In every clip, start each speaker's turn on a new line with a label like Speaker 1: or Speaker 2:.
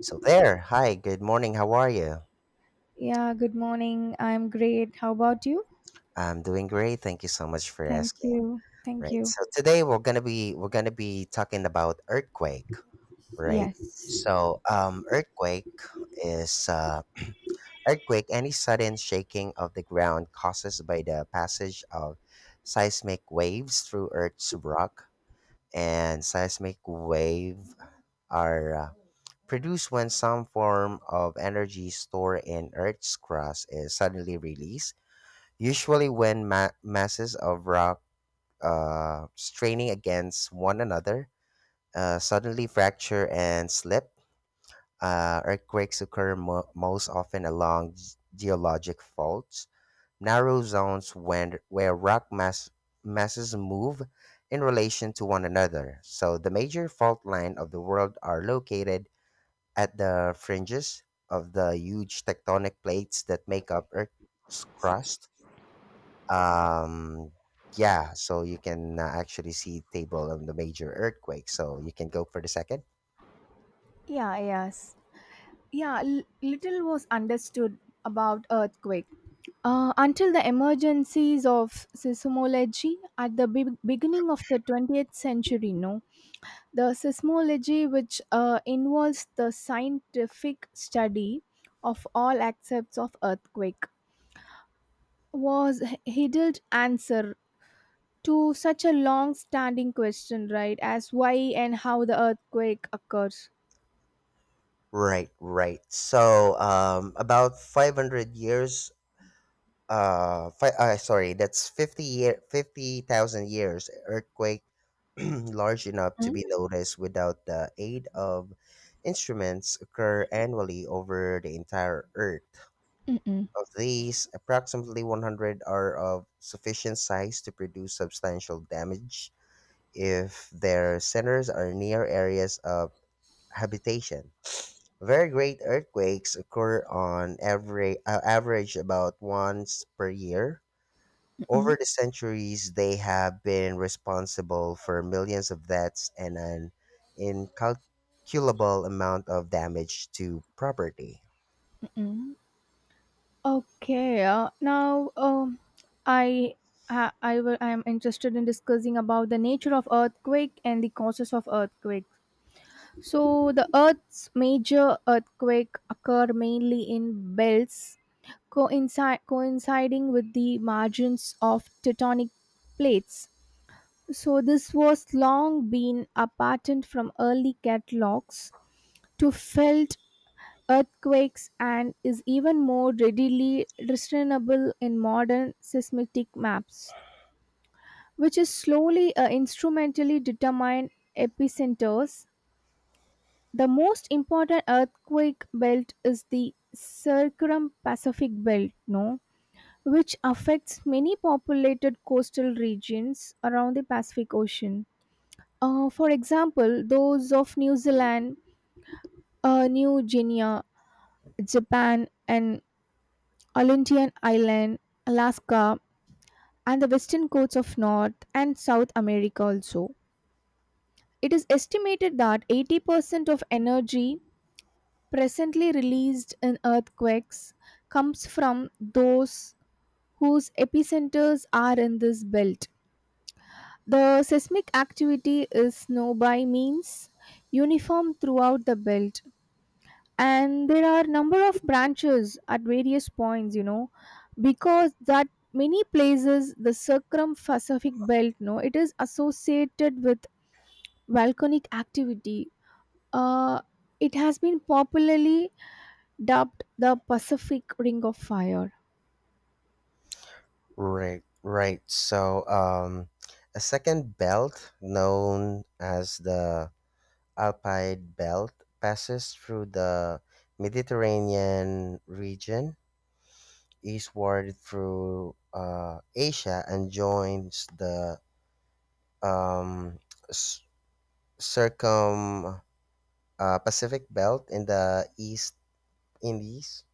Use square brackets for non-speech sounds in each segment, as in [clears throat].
Speaker 1: So there. Hi, good morning. How are you?
Speaker 2: Yeah, good morning. I'm great. How about you?
Speaker 1: I'm doing great. Thank you so much for
Speaker 2: Thank
Speaker 1: asking.
Speaker 2: you. Thank
Speaker 1: Right.
Speaker 2: you.
Speaker 1: So today we're gonna be talking about earthquake, right?
Speaker 2: Yes.
Speaker 1: So earthquake is [clears throat] earthquake, any sudden shaking of the ground caused by the passage of seismic waves through Earth's rock. And seismic wave are produced when some form of energy stored in Earth's crust is suddenly released. Usually, when masses of rock straining against one another suddenly fracture and slip, earthquakes occur most often along geologic faults, narrow zones where rock masses move in relation to one another. So, the major fault line of the world are located at the fringes of the huge tectonic plates that make up Earth's crust. Um yeah so you can actually see table on the major earthquake, so you can go for the second.
Speaker 2: Yeah, yes. Little was understood about earthquake until the emergencies of seismology at the beginning of the 20th century. No The seismology, which involves the scientific study of all aspects of earthquake, was Hiddel's answer to such a long standing question, right? As why and how the earthquake occurs.
Speaker 1: Right, right. So about 500 years, sorry, that's 50 year, 50,000 years. Earthquake [clears throat] large enough to
Speaker 2: Mm,
Speaker 1: be noticed without the aid of instruments occur annually over the entire earth.
Speaker 2: mm-mm,
Speaker 1: Of these, approximately 100 are of sufficient size to produce substantial damage if their centers are near areas of habitation. Very great earthquakes occur on every average about once per year. Over
Speaker 2: mm-mm,
Speaker 1: the centuries, they have been responsible for millions of deaths and an incalculable amount of damage to property.
Speaker 2: Okay, now, I I am interested in discussing about the nature of earthquake and the causes of earthquake. So the Earth's major earthquake occur mainly in belts, coincide coinciding with the margins of tectonic plates. So this was long been a pattern from early catalogs to felt earthquakes, and is even more readily discernible in modern seismic maps, which is slowly instrumentally determine epicenters. The most important earthquake belt is the circum-Pacific belt, no? Which affects many populated coastal regions around the Pacific Ocean. For example, those of New Zealand, New Guinea, Japan, and Olympian Island, Alaska, and the western coasts of North and South America also. It is estimated that 80% of energy presently released in earthquakes comes from those whose epicenters are in this belt. The seismic activity is now by means uniform throughout the belt, and there are number of branches at various points, you know, because that many places the circumfacific belt, no, it is associated with volcanic activity. uh, it has been popularly dubbed the pacific ring of fire.
Speaker 1: Right, right. A second belt known as the Alpine Belt passes through the Mediterranean region eastward through Asia and joins the um, s- circum Pacific Belt in the East Indies.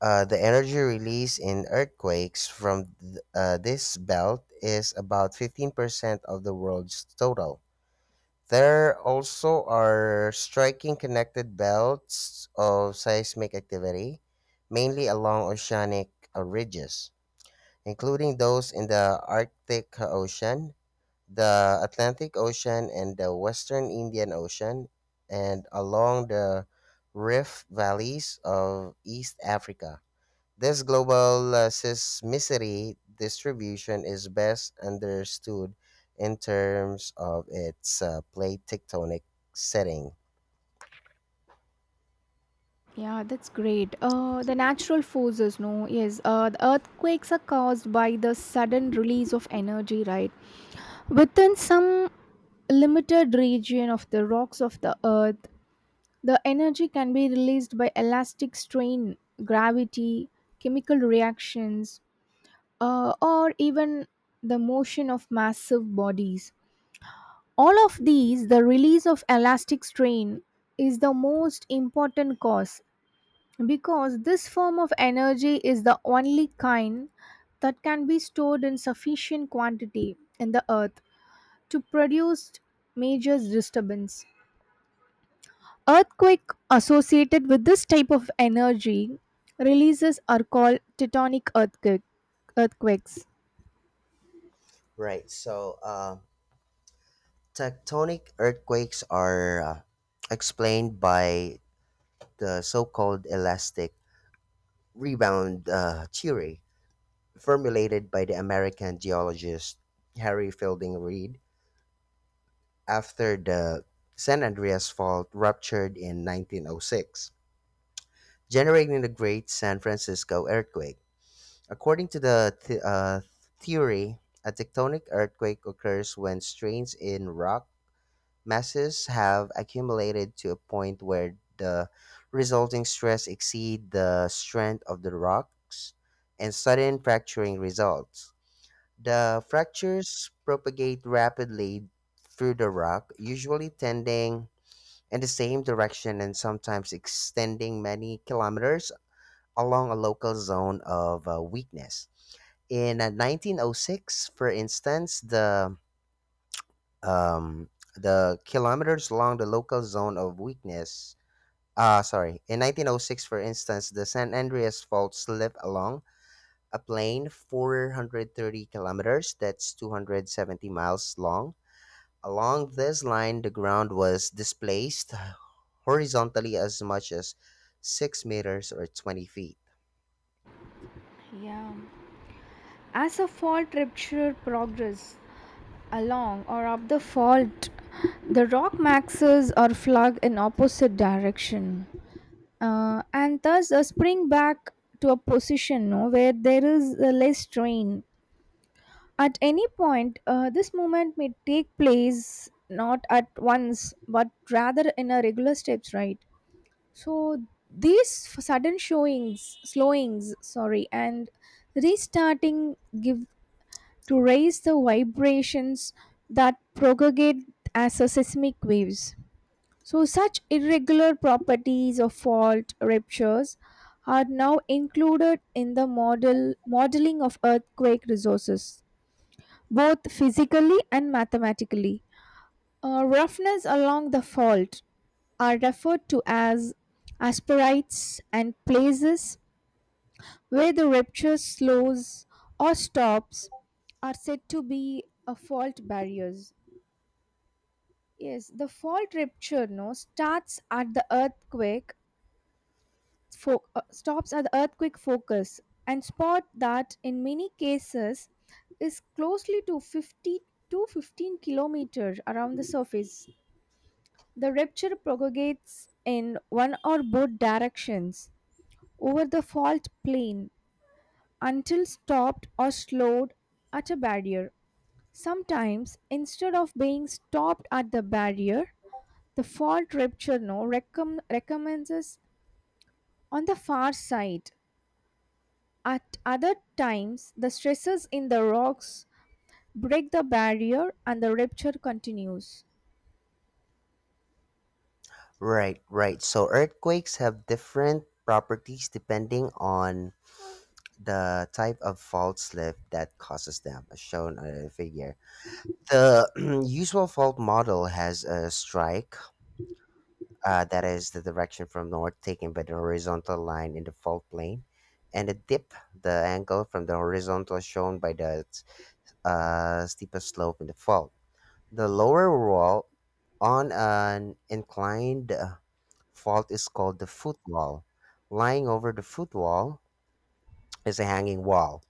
Speaker 1: The energy released in earthquakes from this belt is about 15% of the world's total. There also are striking connected belts of seismic activity, mainly along oceanic ridges, including those in the Arctic Ocean, the Atlantic Ocean and the Western Indian Ocean, and along the rift valleys of East Africa. This global seismicity distribution is best understood in terms of its plate tectonic setting.
Speaker 2: Yeah, that's great. The natural forces, no, yes, the earthquakes are caused by the sudden release of energy, right, within some limited region of the rocks of the earth. The energy can be released by elastic strain, gravity, chemical reactions, or even the motion of massive bodies. All of these, the release of elastic strain is the most important cause, because this form of energy is the only kind that can be stored in sufficient quantity in the earth to produce major disturbance. Earthquake associated with this type of energy releases are called earthquakes.
Speaker 1: Right. Tectonic earthquakes are explained by the so-called elastic rebound theory, formulated by the American geologist Harry Fielding Reid after the San Andreas Fault ruptured in 1906, generating the Great San Francisco Earthquake. According to the theory, a tectonic earthquake occurs when strains in rock masses have accumulated to a point where the resulting stress exceeds the strength of the rocks and sudden fracturing results. The fractures propagate rapidly through the rock, usually tending in the same direction and sometimes extending many kilometers along a local zone of weakness. In 1906, for instance, um, the kilometers along the local zone of weakness. Sorry. In 1906, for instance, the San Andreas Fault slipped along a plain 430 kilometers, that's 270 miles long. Along this line, the ground was displaced horizontally as much as 6 meters or 20 feet.
Speaker 2: Yeah. As a fault rupture progress along or up the fault, the rock maxes are flung in opposite direction. And thus a spring back to a position, no, where there is less strain. At any point, this movement may take place not at once, but rather in a regular steps, right? So these sudden slowings, sorry, and restarting give to raise the vibrations that propagate as a seismic waves. So such irregular properties of fault ruptures are now included in the modeling of earthquake resources, both physically and mathematically. Roughness along the fault are referred to as asperites, and places where the rupture slows or stops are said to be a fault barriers. Yes, the fault rupture, no, starts at the earthquake stops at the earthquake focus and spot that in many cases is closely to 50 to 15 kilometers around the surface. The rupture propagates in one or both directions over the fault plane until stopped or slowed at a barrier. Sometimes, instead of being stopped at the barrier, the fault rupture now recommences on the far side. At other times, the stresses in the rocks break the barrier and the rupture continues.
Speaker 1: Right, right. So earthquakes have different properties depending on the type of fault slip that causes them, as shown on the figure. The [clears throat] usual fault model has a strike, that is the direction from north taken by the horizontal line in the fault plane, and a dip, the angle from the horizontal shown by the a steeper slope in the fault. The lower wall on an inclined fault is called the footwall. Lying over the footwall is a hanging wall.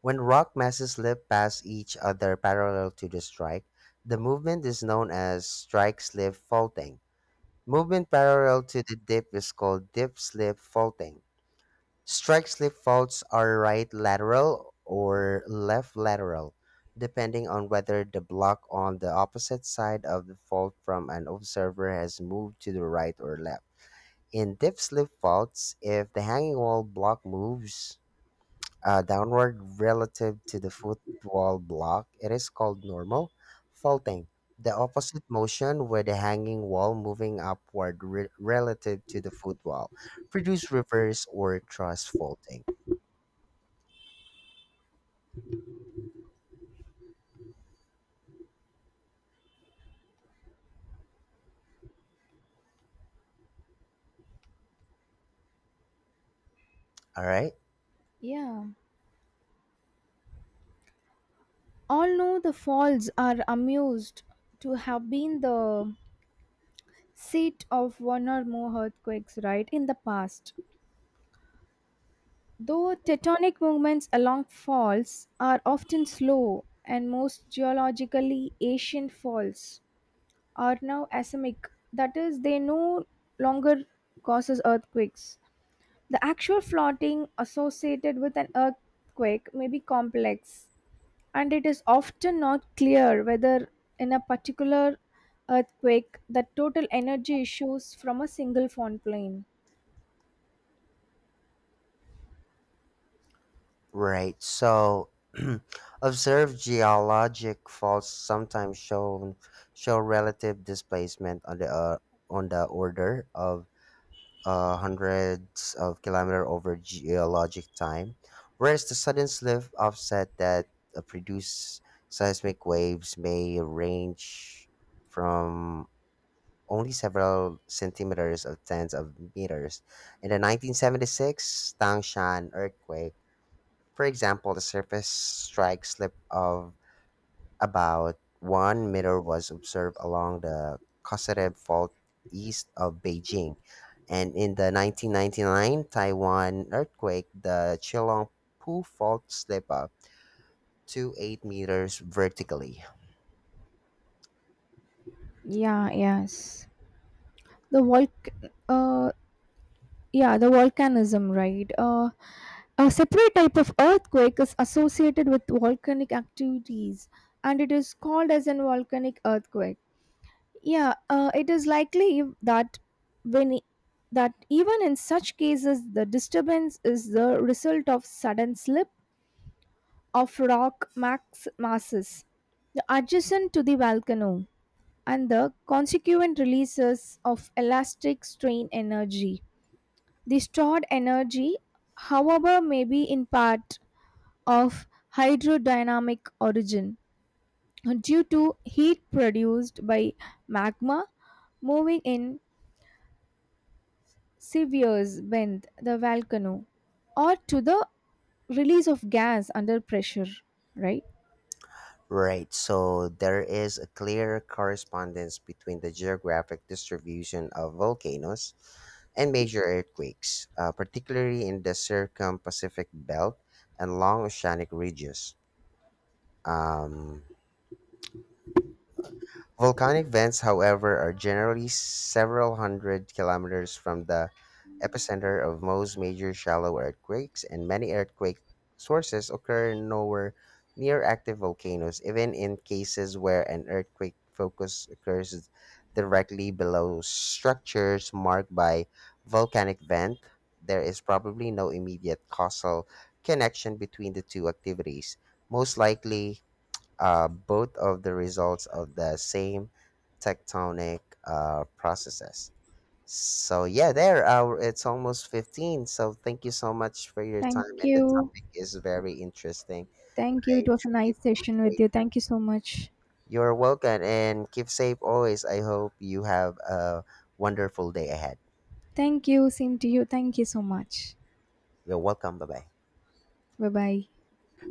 Speaker 1: When rock masses slip past each other parallel to the strike, the movement is known as strike slip faulting. Movement parallel to the dip is called dip slip faulting. Strike slip faults are right lateral or left lateral, depending on whether the block on the opposite side of the fault from an observer has moved to the right or left. In dip slip faults, if the hanging wall block moves downward relative to the foot wall block, it is called normal faulting. The opposite motion with the hanging wall moving upward relative to the foot wall produce reverse or truss faulting. All right,
Speaker 2: Yeah. All know the falls are amused to have been the seat of one or more earthquakes, right, in the past, though tectonic movements along faults are often slow, and most geologically ancient faults are now asemic, that is they no longer causes earthquakes. The actual flooding associated with an earthquake may be complex, and it is often not clear whether in a particular earthquake the total energy issues from a single fault plane.
Speaker 1: right. [clears throat] Observed geologic faults sometimes show relative displacement on the on the order of hundreds of kilometer over geologic time, whereas the sudden slip offset that produce seismic waves may range from only several centimeters of tens of meters. In the 1976 Tangshan earthquake, for example, the surface strike slip of about 1 meter was observed along the Kosarev Fault east of Beijing. And in the 1999 Taiwan earthquake, the Chilong Pu Fault slip up to 8 meters vertically.
Speaker 2: Yeah, yes. The volc uh yeah, the volcanism, right? A separate type of earthquake is associated with volcanic activities, and it is called as a volcanic earthquake. Yeah, it is likely that when e- that even in such cases the disturbance is the result of sudden slip of rock max masses adjacent to the volcano and the consequent releases of elastic strain energy. The stored energy, however, may be in part of hydrodynamic origin due to heat produced by magma moving in severs bend the volcano, or to the release of gas under pressure, right.
Speaker 1: Right, so there is a clear correspondence between the geographic distribution of volcanoes and major earthquakes, particularly in the circum Pacific belt and long oceanic ridges. Um, Volcanic vents, however, are generally several hundred kilometers from the epicenter of most major shallow earthquakes, and many earthquake sources occur nowhere near active volcanoes, even in cases where an earthquake focus occurs directly below structures marked by volcanic vent. There is probably no immediate causal connection between the two activities. Most likely, are both of the results of the same tectonic processes. So yeah, there It's almost 15. So thank you so much for your
Speaker 2: Thank
Speaker 1: time, and the
Speaker 2: you.
Speaker 1: topic is very interesting.
Speaker 2: Thank you, it
Speaker 1: I
Speaker 2: was a
Speaker 1: truly
Speaker 2: nice session with
Speaker 1: appreciate.
Speaker 2: you, thank you so much.
Speaker 1: You're welcome and keep safe always. I hope you have a wonderful day ahead.
Speaker 2: Thank you, same to you, thank you so much.
Speaker 1: You're welcome. Bye-bye.
Speaker 2: Bye bye.